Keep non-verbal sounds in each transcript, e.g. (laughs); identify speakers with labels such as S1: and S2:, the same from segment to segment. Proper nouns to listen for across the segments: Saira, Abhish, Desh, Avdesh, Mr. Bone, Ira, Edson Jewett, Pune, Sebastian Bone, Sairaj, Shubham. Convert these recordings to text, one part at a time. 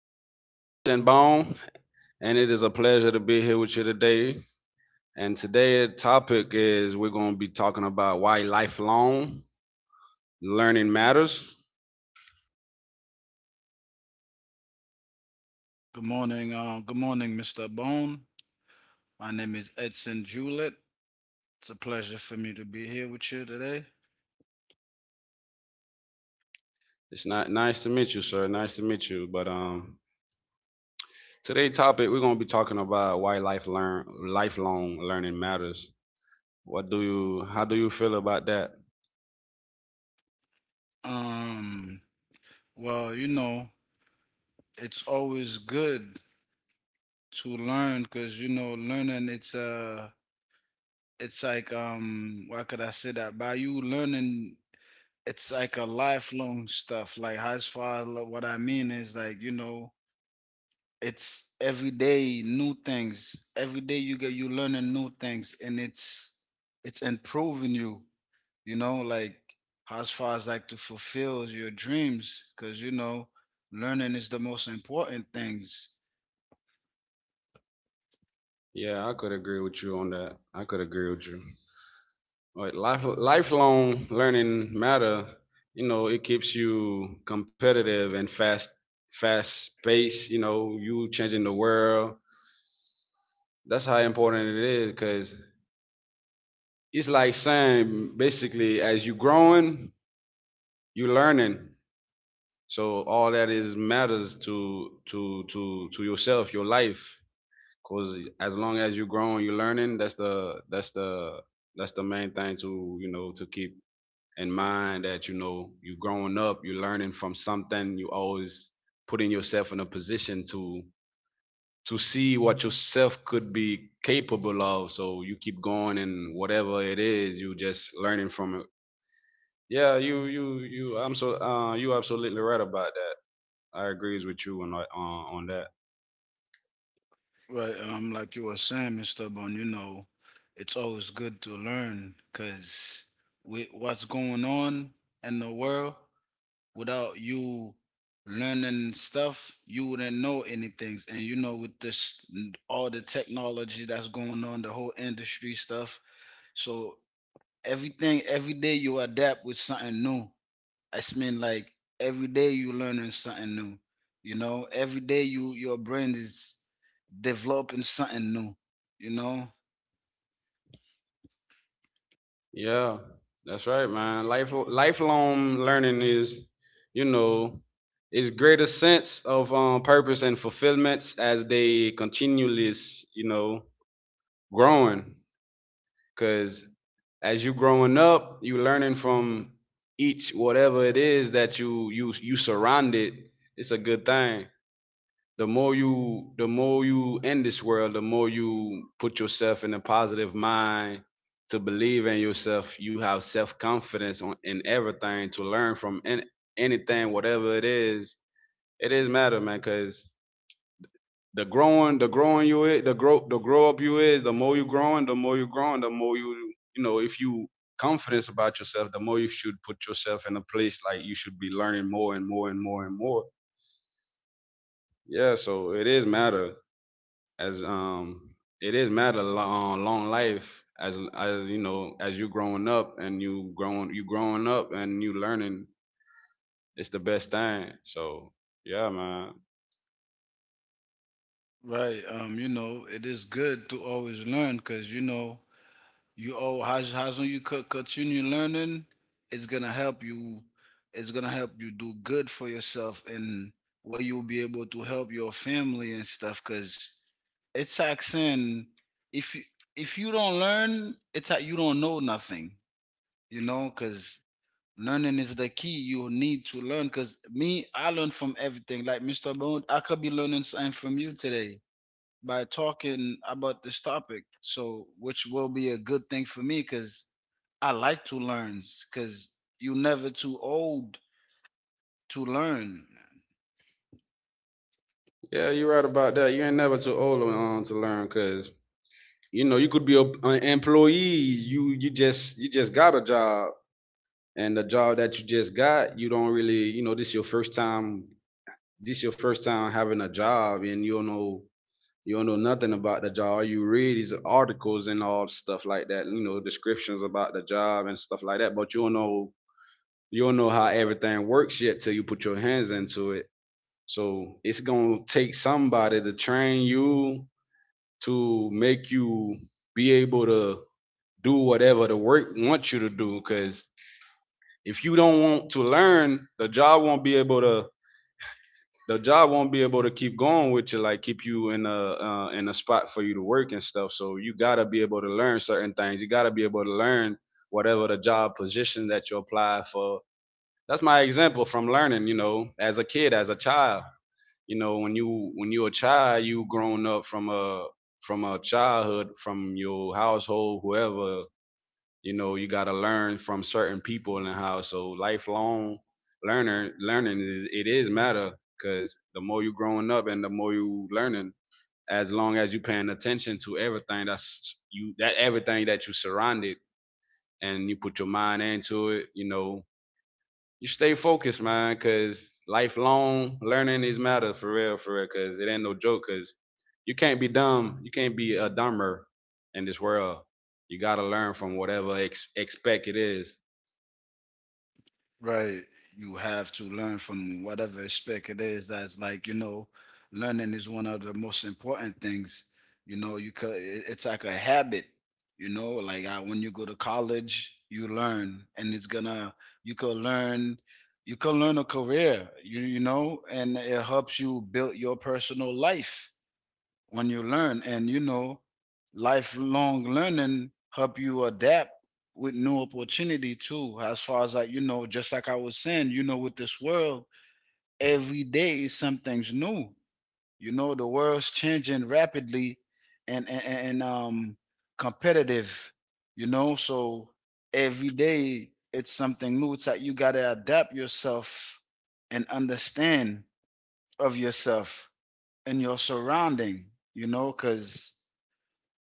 S1: name is Sebastian Bone, and it is a pleasure to be here with you today. And today's topic is we're going to be talking about why lifelong learning matters.
S2: Good morning. Good morning, Mr. Bone. My name is Edson Jewett. It's a pleasure for me to be here with you today.
S1: It's not nice to meet you, sir. Nice to meet you. But today's topic we're going to be talking about why lifelong learning matters. What do you? How do you feel about that?
S2: Um, well, you know, it's always good to learn because you know, learning it's like why could I say that? By you learning, it's like a lifelong stuff. Like as far as lo- what I mean is like you know it's every day new things, every day you learning new things, and it's improving you, you know, like as far as like to fulfill your dreams, because you know learning is the most important things.
S1: Yeah, I could agree with you on that. I could agree with you. Like lifelong learning matter. You know, it keeps you competitive and fast pace. You know, you changing the world. That's how important it is. Cause it's like saying, basically, as you growing, you learning. So all that is matters to yourself, your life. Cause as long as you growing, you learning. That's the main thing, to, you know, to keep in mind that, you know, you growing up, you're learning from something, you always putting yourself in a position to see what yourself could be capable of, so you keep going, and whatever it is you just learning from it. Yeah, you I'm so you absolutely right about that. I agrees with you on that.
S2: Right. Like you were saying, Mr. Bon, you know it's always good to learn because with what's going on in the world, without you learning stuff, you wouldn't know anything. And you know, with this all the technology that's going on, the whole industry stuff. So everything, every day you adapt with something new. I mean, like every day you learning something new. You know, every day you your brain is developing something new. You know,
S1: Yeah, that's right, man. Life lifelong learning is, you know, is greater sense of purpose and fulfillments as they continually, you know, growing. Cause as you growing up, you learning from each whatever it is that you surrounded. It's a good thing. The more you the more you in this world, the more you put yourself in a positive mind to believe in yourself. You have self-confidence in everything, to learn from an anything, whatever it is. It is matter, man, because the growing you is the grow up you is the more you growing the more you growing, the more you, you know, if you confidence about yourself, the more you should put yourself in a place like you should be learning more and more and more and more. Yeah, so it is matter. As It is matter long life, as you know, as you growing up and you growing, you growing up and you learning. It's the best thing, so yeah, man.
S2: right? You know, it is good to always learn because you know how's when you continue learning, it's gonna help you. It's gonna help you do good for yourself and where you'll be able to help your family and stuff. Cause it's like saying, if you if you don't learn, it's like you don't know nothing. You know, cause learning is the key. You need to learn. Cause me, I learn from everything. Like Mr. Bone, I could be learning something from you today by talking about this topic. So, which will be a good thing for me because I like to learn because you're never too old to learn.
S1: Yeah, you're right about that. You ain't never too old to learn, because, you know, you could be an employee. You just, you just got a job, and the job that you just got, you don't really, you know, this your first time, having a job, and you don't know, you don't know nothing about the job. All you read is articles and all stuff like that. You know, descriptions about the job and stuff like that. But you don't know, you don't know how everything works yet till you put your hands into it. So it's gonna take somebody to train you to make you be able to do whatever the work wants you to do. Cause if you don't want to learn, the job won't be able to, keep going with you, like keep you in a spot for you to work and stuff. So you gotta be able to learn certain things. You gotta be able to learn whatever the job position that you apply for. That's my example from learning. You know, as a kid, as a child. You know, when you, when you're a child, you grown up from a, from a childhood, from your household, whoever. You know, you got to learn from certain people in the house. So lifelong learner learning is, it is matter, because the more you growing up and the more you learning, as long as you paying attention to everything that everything that you surrounded, and you put your mind into it, you know, you stay focused, man, because lifelong learning is matter for real, for real, because it ain't no joke, because you can't be dumb, you can't be a dumber in this world. You gotta learn from whatever expect it is.
S2: Right. You have to learn from whatever aspect it is. That's like, you know, learning is one of the most important things. You know, it's like a habit, you know, when you go to college, you learn and you could learn, you could learn a career, you know, and it helps you build your personal life when you learn. And you know lifelong learning help you adapt with new opportunity too. As far as like, you know, just like I was saying, you know, with this world, every day is something's new. You know, the world's changing rapidly, and competitive, you know. So every day it's something new, it's like you gotta adapt yourself and understand of yourself and your surrounding, you know, because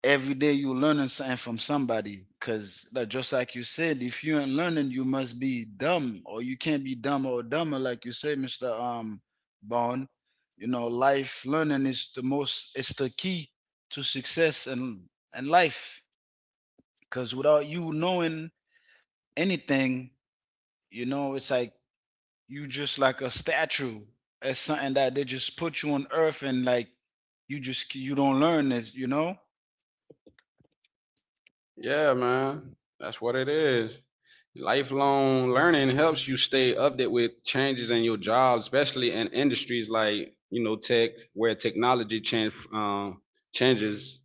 S2: every day you're learning something from somebody. Because, like, just like you said, if you ain't learning you must be dumb, or you can't be dumb or dumber, like you say, Mr. Bond, you know life learning is the most, it's the key to success and life, because without you knowing anything, you know it's like you just like a statue, it's something that they just put you on earth, and like you just you don't learn this, you know.
S1: Yeah, man. That's what it is. Lifelong learning helps you stay updated with changes in your job, especially in industries like, you know, tech, where technology changes,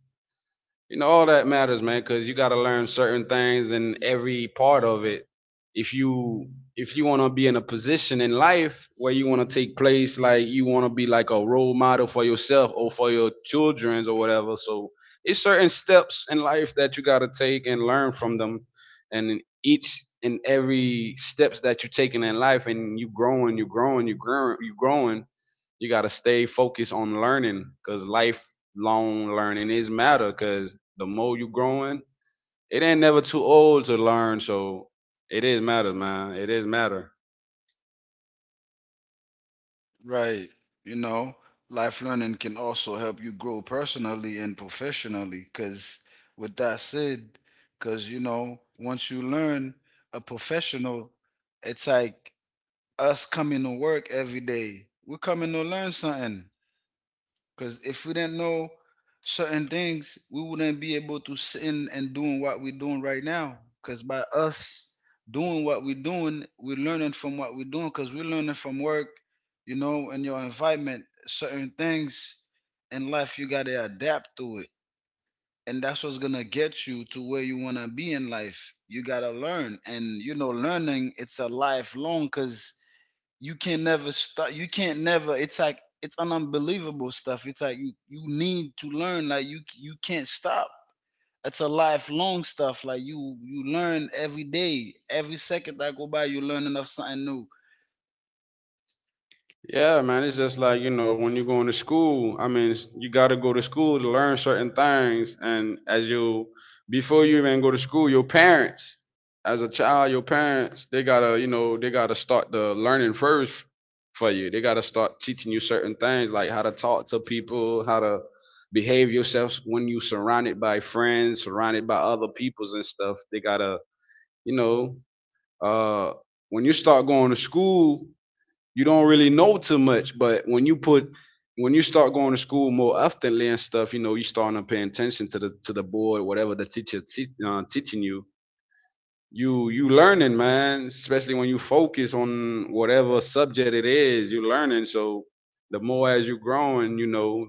S1: you know. All that matters, man, because you got to learn certain things in every part of it. If you, if you want to be in a position in life where you want to take place, like you want to be like a role model for yourself or for your children's or whatever. So it's certain steps in life that you got to take and learn from them, and in each and every steps that you're taking in life, and you growing, you got to stay focused on learning, because life long learning is matter, because the more you growing, it ain't never too old to learn. So it is matter, man. It is matter.
S2: Right. You know, life learning can also help you grow personally and professionally. Because, with that said, because, you know, once you learn a professional, it's like us coming to work every day. We're coming to learn something. Because if we didn't know certain things, we wouldn't be able to sit in and doing what we're doing right now. Because by us doing what we're doing, we're learning from what we're doing. Because we're learning from work, you know, and your environment, certain things in life, you gotta adapt to it. And that's what's gonna get you to where you wanna be in life. You gotta learn, and you know, learning it's a lifelong. Because you can never stop, you can't never it's like it's unbelievable stuff, it's like you need to learn, like you can't stop. It's a lifelong stuff, like you learn every day, every second that go by you learning of something new.
S1: Yeah, man, it's just like, you know, when you're going to school, I mean, you got to go to school to learn certain things. And as you, before you even go to school, your parents, as a child, your parents, they got to, you know, they got to start the learning first for you. They got to start teaching you certain things, like how to talk to people, how to behave yourself when you surrounded by friends, surrounded by other peoples and stuff. They got to, you know, uh, when you start going to school, you don't really know too much, but when you start going to school more oftenly and stuff, you know, you start to pay attention to the, to the board, whatever the teacher teaching you. You, you learning, man, especially when you focus on whatever subject it is you learning. So the more as you growing, you know,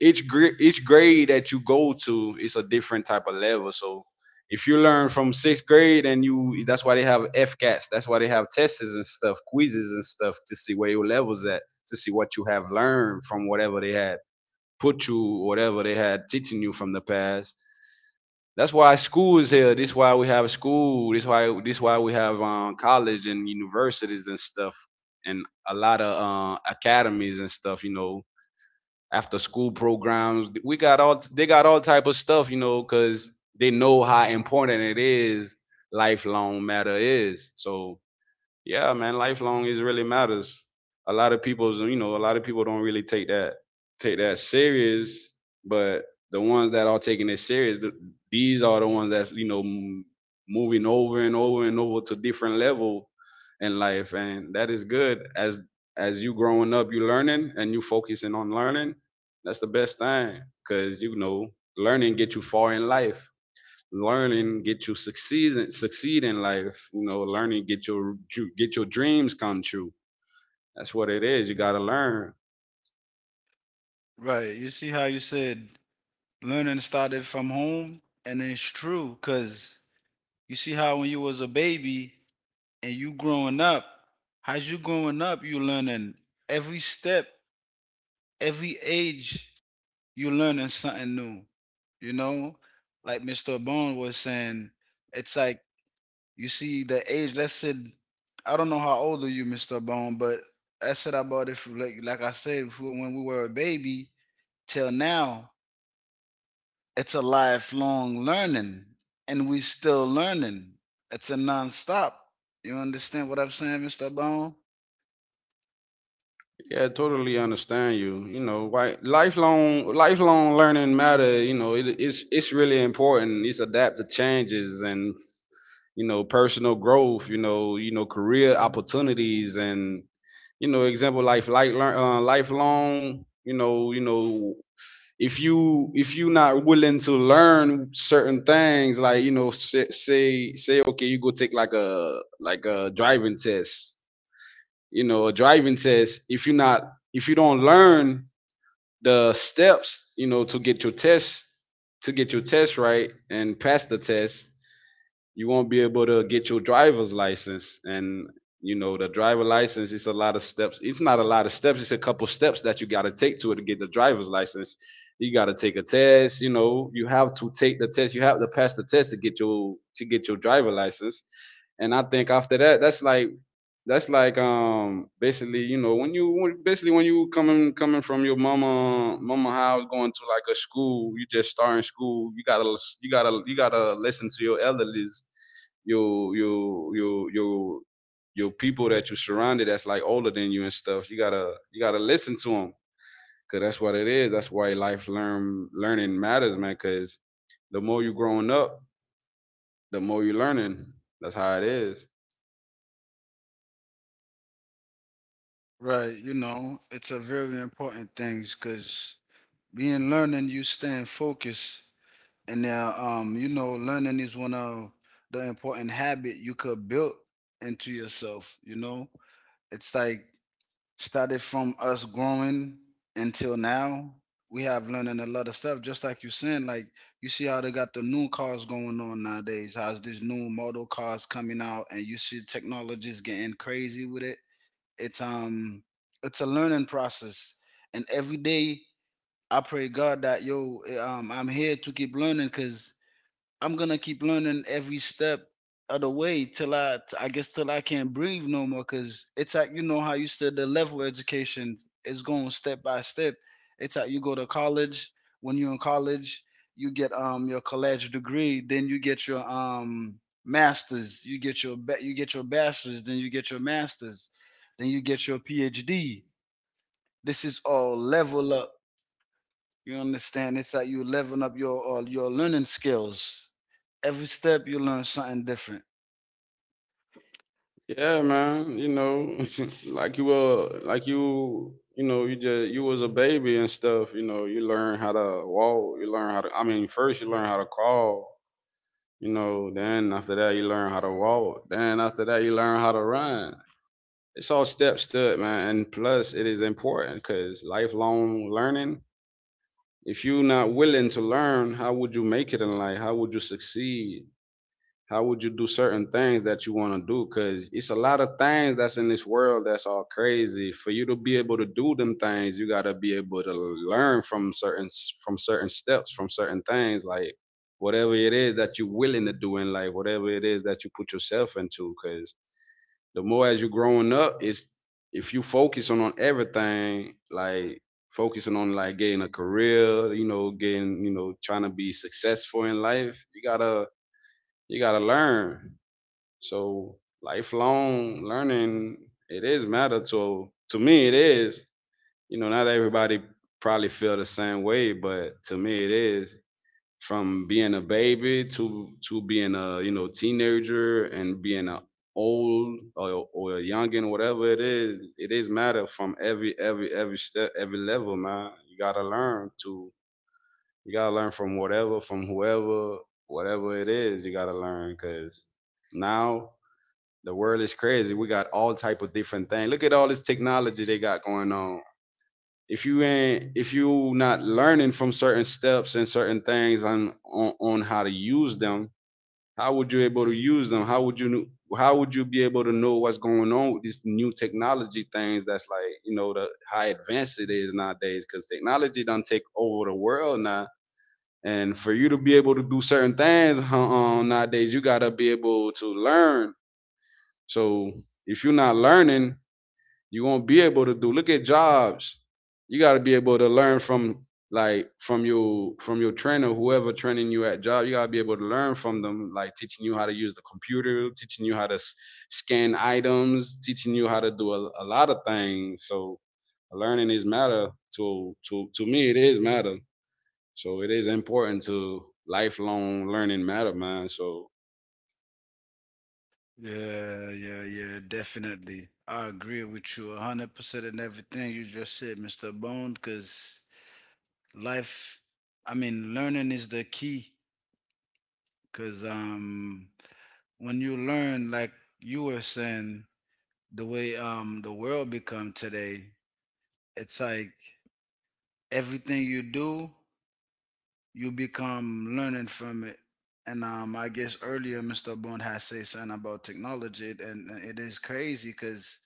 S1: each each grade that you go to is a different type of level. So if you learn from sixth grade, and you, that's why they have F cats, that's why they have tests and stuff, quizzes and stuff, to see where your levels at, to see what you have learned from whatever they had put you, whatever they had teaching you from the past. That's why school is here. This is why we have school. This is why we have college and universities and stuff, and a lot of academies and stuff. You know, after school programs. We got all, they got all type of stuff. You know, because they know how important it is. Lifelong matter is, so yeah, man, lifelong is really matters. A lot of people's, you know, a lot of people don't really take that, take that serious, but the ones that are taking it serious, these are the ones that's, you know, moving over and over and over to different level in life, and that is good. As you growing up, you learning and you focusing on learning. That's the best thing, cuz you know, learning get you far in life, learning get you succeed in life. You know, learning get your, get your dreams come true. That's what it is, you got to learn.
S2: Right. You see how you said learning started from home, and it's true because you see how when you was a baby and you growing up, as you growing up, you learning every step, every age, you learning something new. You know, like Mr. Bone was saying, it's like you see the age. Let's say I don't know how old are you, Mr. Bone, but I said about if like like I said if when we were a baby till now, it's a lifelong learning, and we still learning. It's a nonstop. You understand what I'm saying, Mr. Bone?
S1: Yeah, I totally understand you. You know why lifelong learning matter. You know, it, it's really important. It's adapt to changes and, you know, personal growth, you know, you know, career opportunities and, you know, example life, like learn lifelong, you know, you know, if you, if you not willing to learn certain things, like, you know, say, say okay, you go take like a driving test, you know, a driving test. If you not, if you don't learn the steps, you know, to get your test, right and pass the test, you won't be able to get your driver's license. And you know, the driver license, it's a lot of steps, it's not a lot of steps, it's a couple steps that you got to take to it to get the driver's license. You got to take a test, you know, you have to take the test, you have to pass the test to get your, to get your driver license. And I think after that, that's like, basically, you know, when you, when, basically, when you coming, coming from your mama, mama house going to like a school, you just starting school, you gotta you gotta, you gotta listen to your elders, your, your people that you surrounded, that's like older than you and stuff, you gotta, you gotta listen to them, because that's what it is. That's why life learn learning matters, man, because the more you growing up, the more you learning. That's how it is.
S2: Right. You know, it's a very important thing because being learning, you staying focused. And now, you know, learning is one of the important habit you could build into yourself. You know, it's like started from us growing until now. We have learning a lot of stuff, just like you saying. Like you see how they got the new cars going on nowadays. How's these new model cars coming out, and you see technologies getting crazy with it. It's um, it's a learning process, and every day I pray God that I'm here to keep learning because I'm gonna keep learning every step of the way till I guess, till I can't breathe no more. Cause it's like you know how you said the level of education is going step by step. It's like you go to college. When you're in college, you get your college degree, then you get your masters, you get your you get your bachelor's, then you get your masters, then you get your PhD. This is all level up. You understand? It's like you leveling up your all your learning skills, every step you learn something different.
S1: Yeah, man. You know, (laughs) like you just you was a baby and stuff. You know, you learn how to walk. You learn how to. I mean, first you learn how to crawl. You know, then after that you learn how to walk. Then after that you learn how to run. It's all steps to, man. And plus, it is important because lifelong learning. If you're not willing to learn, how would you make it in life? How would you succeed? How would you do certain things that you want to do? Because it's a lot of things that's in this world that's all crazy. For you to be able to do them things, you got to be able to learn from certain, from certain steps, from certain things, like whatever it is that you're willing to do in life, whatever it is that you put yourself into. Because the more as you're growing up, it's, if you focusing on everything, like focusing on like getting a career, you know, getting, you know, trying to be successful in life, you gotta, you gotta learn. So lifelong learning, it is matter to me. It is. You know, not everybody probably feel the same way, but to me, it is. From being a baby to being a, you know, teenager, and being a old, or a youngin, whatever it is matter from every, every step, every level, man. You gotta learn to. You gotta learn from whatever, from whoever, whatever it is. You gotta learn because now the world is crazy. We got all type of different things. Look at all this technology they got going on. If you not learning from certain steps and certain things on, on how to use them, how would you able to use them? How would you, how would you be able to know what's going on with these new technology things? That's like, you know, the how advanced it is nowadays, because technology done take over the world now. And for you to be able to do certain things, nowadays, you gotta be able to learn. So if you're not learning, you won't be able to do. Look at jobs. You got to be able to learn from, like from your, from your trainer, whoever training you at job. You got to be able to learn from them, like teaching you how to use the computer, teaching you how to scan items, teaching you how to do a lot of things. So learning is matter to to me. It is matter. So it is important to lifelong learning matter, man. So
S2: Yeah, yeah, yeah, definitely. I agree with you 100% in everything you just said, Mr. Bone, because life, I mean, learning is the key. Because when you learn, like you were saying, the way the world become today, it's like everything you do you become learning from it. And I guess earlier, Mr. Bond has said something about technology, and it is crazy because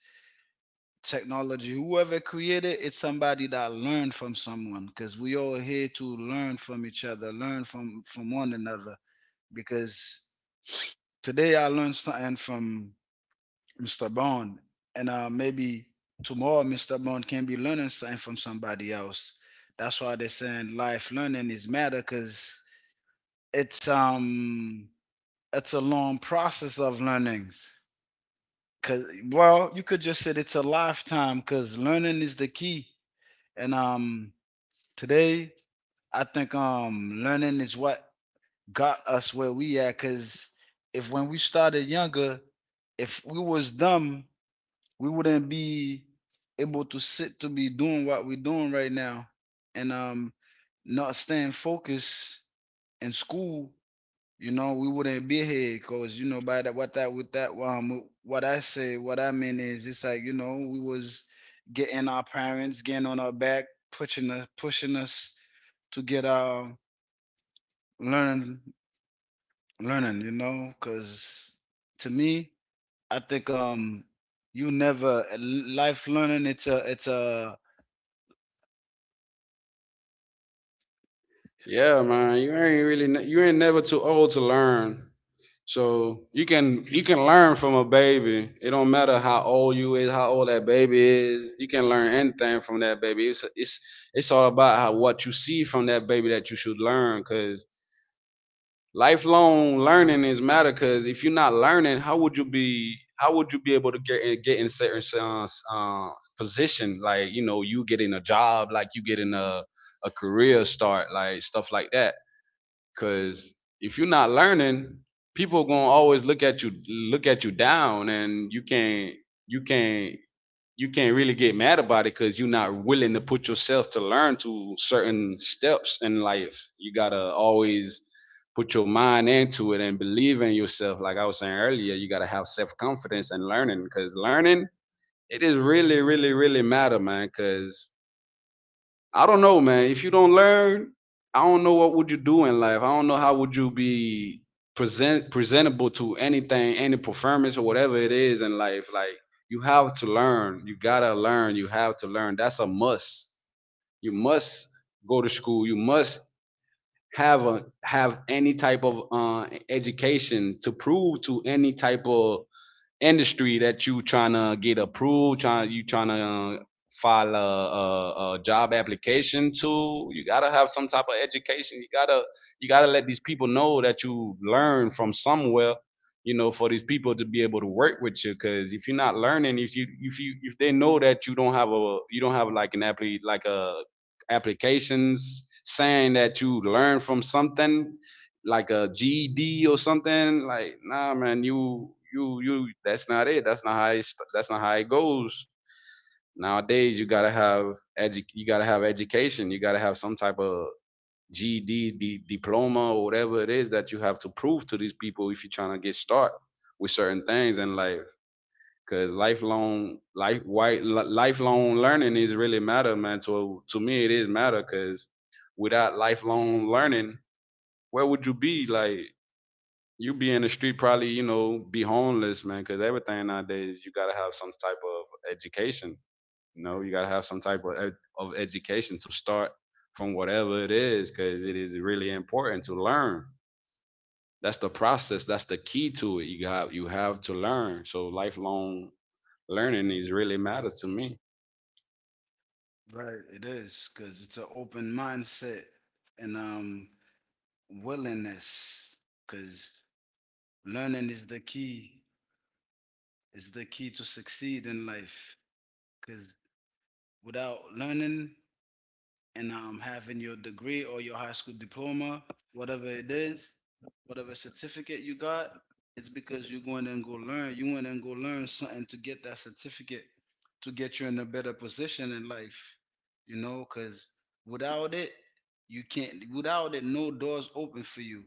S2: technology, whoever created it, it's somebody that learned from someone. Because we all here to learn from each other, learn from one another. Because today I learned something from Mr. Bond, and maybe tomorrow Mr. Bond can be learning something from somebody else. That's why they're saying life learning is matter, because it's it's a long process of learnings, because well you could just say it's a lifetime because learning is the key. And today I think learning is what got us where we at because if when we started younger, if we was dumb we wouldn't be able to sit to be doing what we're doing right now. And not staying focused in school, you know, we wouldn't be here because you know by that what I mean is it's like you know we was getting our parents getting on our back, pushing us to get our learning learning, you know. Because to me, I think you never life learning it's a
S1: yeah, man, you ain't never too old to learn. So you can, you can learn from a baby. It don't matter how old you is, how old that baby is. You can learn anything from that baby. It's all about how what you see from that baby that you should learn. Cause lifelong learning is matter. Cause if you're not learning, how would you be? How would you be able to get in certain uh, position? Like, you know, you getting a job, like you getting a career start, like stuff like that. Cause if you're not learning, people are gonna always look at you, look at you down, and you can't you can't really get mad about it, because you're not willing to put yourself to learn to certain steps in life. You gotta always put your mind into it and believe in yourself. Like I was saying earlier, you gotta have self confidence and learning, because learning, it is really really matter, man. Cause I don't know, man. If you don't learn, I don't know what would you do in life. I don't know how would you be presentable to anything, any performance or whatever it is in life. Like, you have to learn. You gotta learn. You have to learn. That's a must. You must go to school. You must have any type of education to prove to any type of industry that you trying to get approved, trying you trying to file a, a job application to, you gotta have some type of education. You gotta, you gotta let these people know that you learn from somewhere. You know, for these people to be able to work with you, because if you're not learning, if they know that you don't have a, you don't have like an appli like a applications saying that you learn from something, like a GED or something. Like, nah, man, you. That's not it. That's not how it goes. Nowadays, you gotta have you gotta have education. You gotta have some type of GED, diploma, or whatever it is that you have to prove to these people if you're trying to get started with certain things in life. Cause lifelong lifelong learning is really matter, man. To me, it is matter. Cause without lifelong learning, where would you be? Like, you be in the street probably, you know, be homeless, man, because everything nowadays you gotta have some type of education. You know, you gotta have some type of, education to start from whatever it is, because it is really important to learn. That's the process. That's the key to it. You have to learn. So lifelong learning is really matters to me.
S2: right. It is because it's an open mindset and willingness. Because learning is the key to succeed in life. Because without learning, and having your degree or your high school diploma, whatever it is, whatever certificate you got, it's because you're going and go learn. You went and go learn something to get that certificate to get you in a better position in life, you know, because without it, you can't, without it, no doors open for you.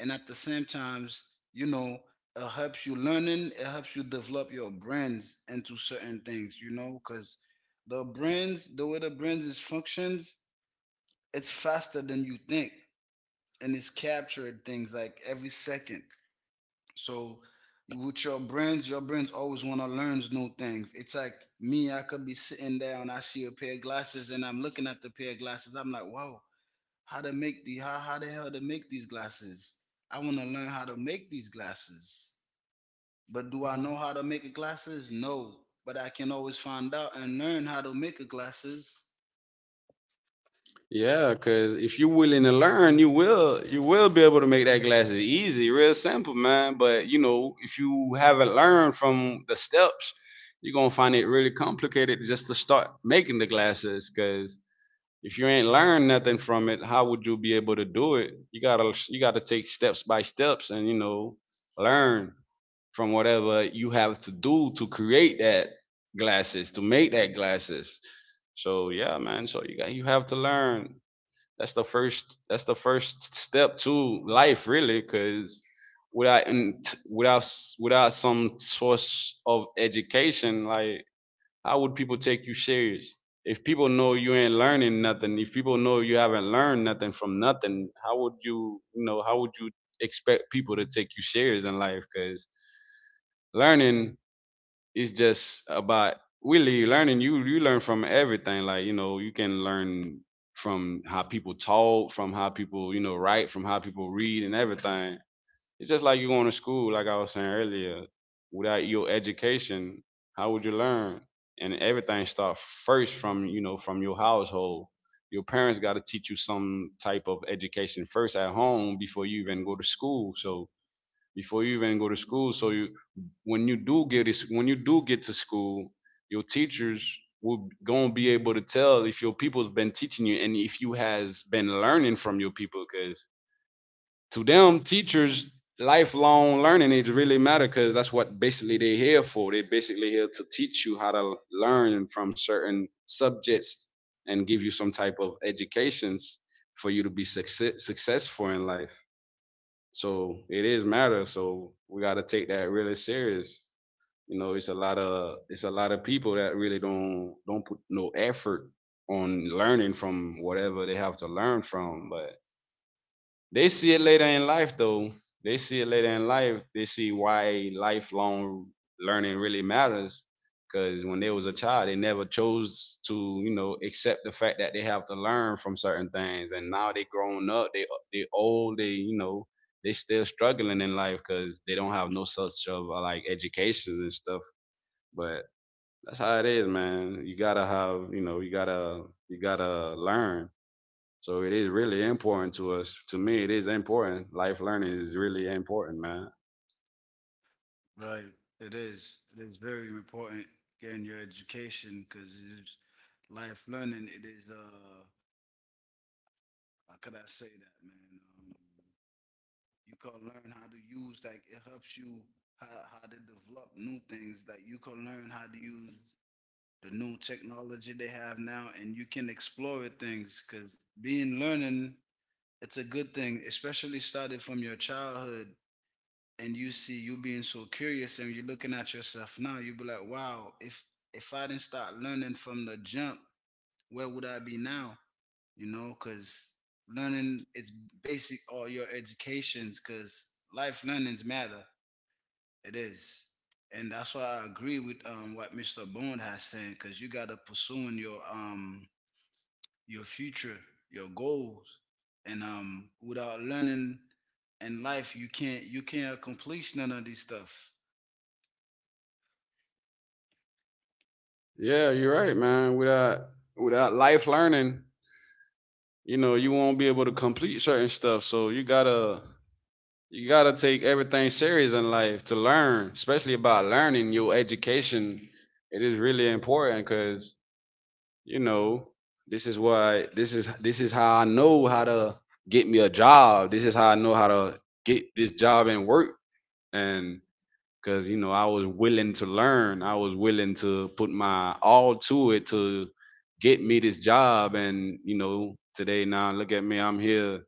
S2: And at the same times, you know, it helps you learning, it helps you develop your brains into certain things, you know, because the brains, the way the brains is functions, it's faster than you think, and it's captured things like every second. So with your brains, your brains always want to learn new things. It's like me, I could be sitting down, I see a pair of glasses and I'm looking at the pair of glasses, I'm like, wow, how to make how the hell to make these glasses. I want to learn how to make these glasses. But do I know how to make a glasses? No. But I can always find out and learn how to make a glasses.
S1: Yeah, cause if you're willing to learn, you will, you will be able to make that glasses easy, real simple, man. But you know, if you haven't learned from the steps, you're gonna find it really complicated just to start making the glasses. Cause if you ain't learned nothing from it, how would you be able to do it? You gotta, you gotta take steps by steps, and you know, learn from whatever you have to do to create that glasses, to make that glasses. So yeah, man. So you have to learn. That's the first step to life really, because without, without without some source of education, like how would people take you serious? If people know you ain't learning nothing, if people know you haven't learned nothing from nothing, how would you, you know, how would you expect people to take you serious in life? Because learning, it's just about really learning. You learn from everything. Like, you know, you can learn from how people talk, from how people, you know, write, from how people read, and everything. It's just like you going to school. Like I was saying earlier, without your education, how would you learn? And everything starts first from, you know, from your household. Your parents got to teach you some type of education first at home before you even go to school. So before you even go to school. So you, when you do get to school, your teachers will gonna be able to tell if your people's been teaching you and if you has been learning from your people. Cause to them, teachers, lifelong learning it really matter, because that's what basically they're here for. They're basically here to teach you how to learn from certain subjects and give you some type of educations for you to be successful in life. So it is matter. So we got to take that really serious. You know, it's a lot of people that really don't put no effort on learning from whatever they have to learn from. But they see it later in life, though. They see it later in life. They see why lifelong learning really matters. Because when they was a child, they never chose to, you know, accept the fact that they have to learn from certain things. And now they grown up, they old, they, you know, they still struggling in life because they don't have no such of like educations and stuff. But that's how it is, man. You gotta have, you know, you gotta, you gotta learn. So it is really important to us. To me, it is important. Life learning is really important, man.
S2: Right, it is. It is very important getting your education because it's life learning. It is how could I say that, man? You can learn how to use, like it helps you how to develop new things. Like you can learn how to use the new technology they have now, and you can explore things, because being learning, it's a good thing, especially started from your childhood. And you see you being so curious, and you're looking at yourself now, you be like, wow, if I didn't start learning from the jump, where would I be now? You know, because learning is basic all your educations, because life learnings matter. It is. And that's why I agree with what Mr. Bond has saying, because you got to pursuing your future, your goals, and without learning in life you can't accomplish none of this stuff.
S1: Yeah, you're right, man. Without, without life learning, you know, you won't be able to complete certain stuff. So you gotta, you gotta take everything serious in life to learn, especially about learning your education. It is really important because, you know, this is why this is how I know how to get me a job. This is how I know how to get this job and work, and because, you know, I was willing to learn. I was willing to put my all to it to get me this job, and you know today now look at me. I'm here.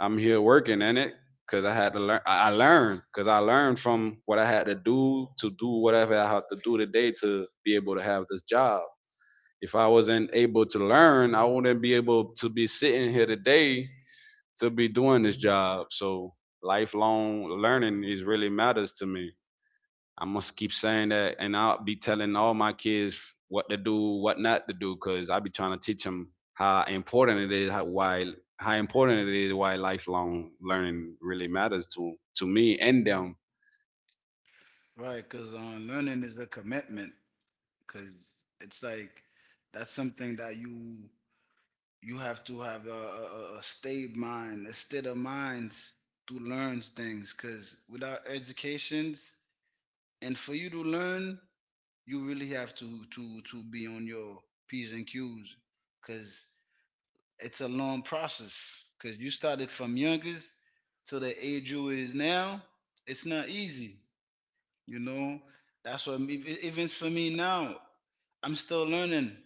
S1: I'm here working in it because I had to learn. I learned because I learned from what I had to do whatever I had to do today to be able to have this job. If I wasn't able to learn, I wouldn't be able to be sitting here today to be doing this job. So lifelong learning is really matters to me. I must keep saying that, and I'll be telling all my kids what to do, what not to do, because I be trying to teach them how important it is, how important it is, why lifelong learning really matters to me and them.
S2: Right, because learning is a commitment. Because it's like that's something that you have to have a stayed mind, a state of minds to learn things. Because without educations, and for you to learn, you really have to be on your p's and q's. Because it's a long process. Because you started from youngest to the age you is now. It's not easy. You know, that's what me, even for me now. I'm still learning.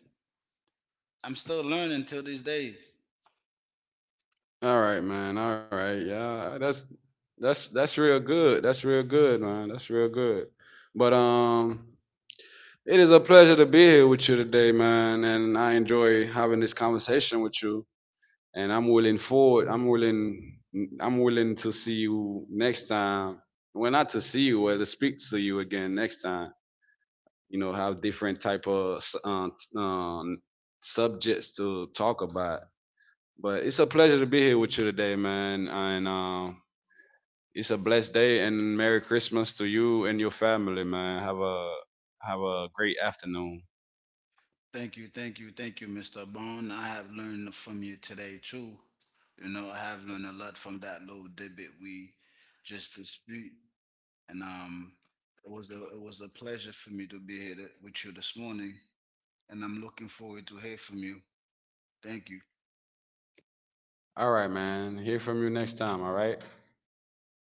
S2: I'm still learning till these days.
S1: All right, man. All right, yeah. That's, that's real good. That's real good, man. That's real good. But it is a pleasure to be here with you today, man, and I enjoy having this conversation with you. And I'm willing forward. I'm willing. I'm willing to see you next time. Well, not to see you, well, to speak to you again next time. You know, have different type of subjects to talk about. But it's a pleasure to be here with you today, man. And it's a blessed day. And Merry Christmas to you and your family, man. Have a, have a great afternoon.
S2: Thank you, thank you, thank you, Mr. Bone. I have learned from you today too. You know, I have learned a lot from that little debit we just dispute, and it was a pleasure for me to be here with you this morning, and I'm looking forward to hear from you. Thank you.
S1: All right, man. Hear from you next time. All right.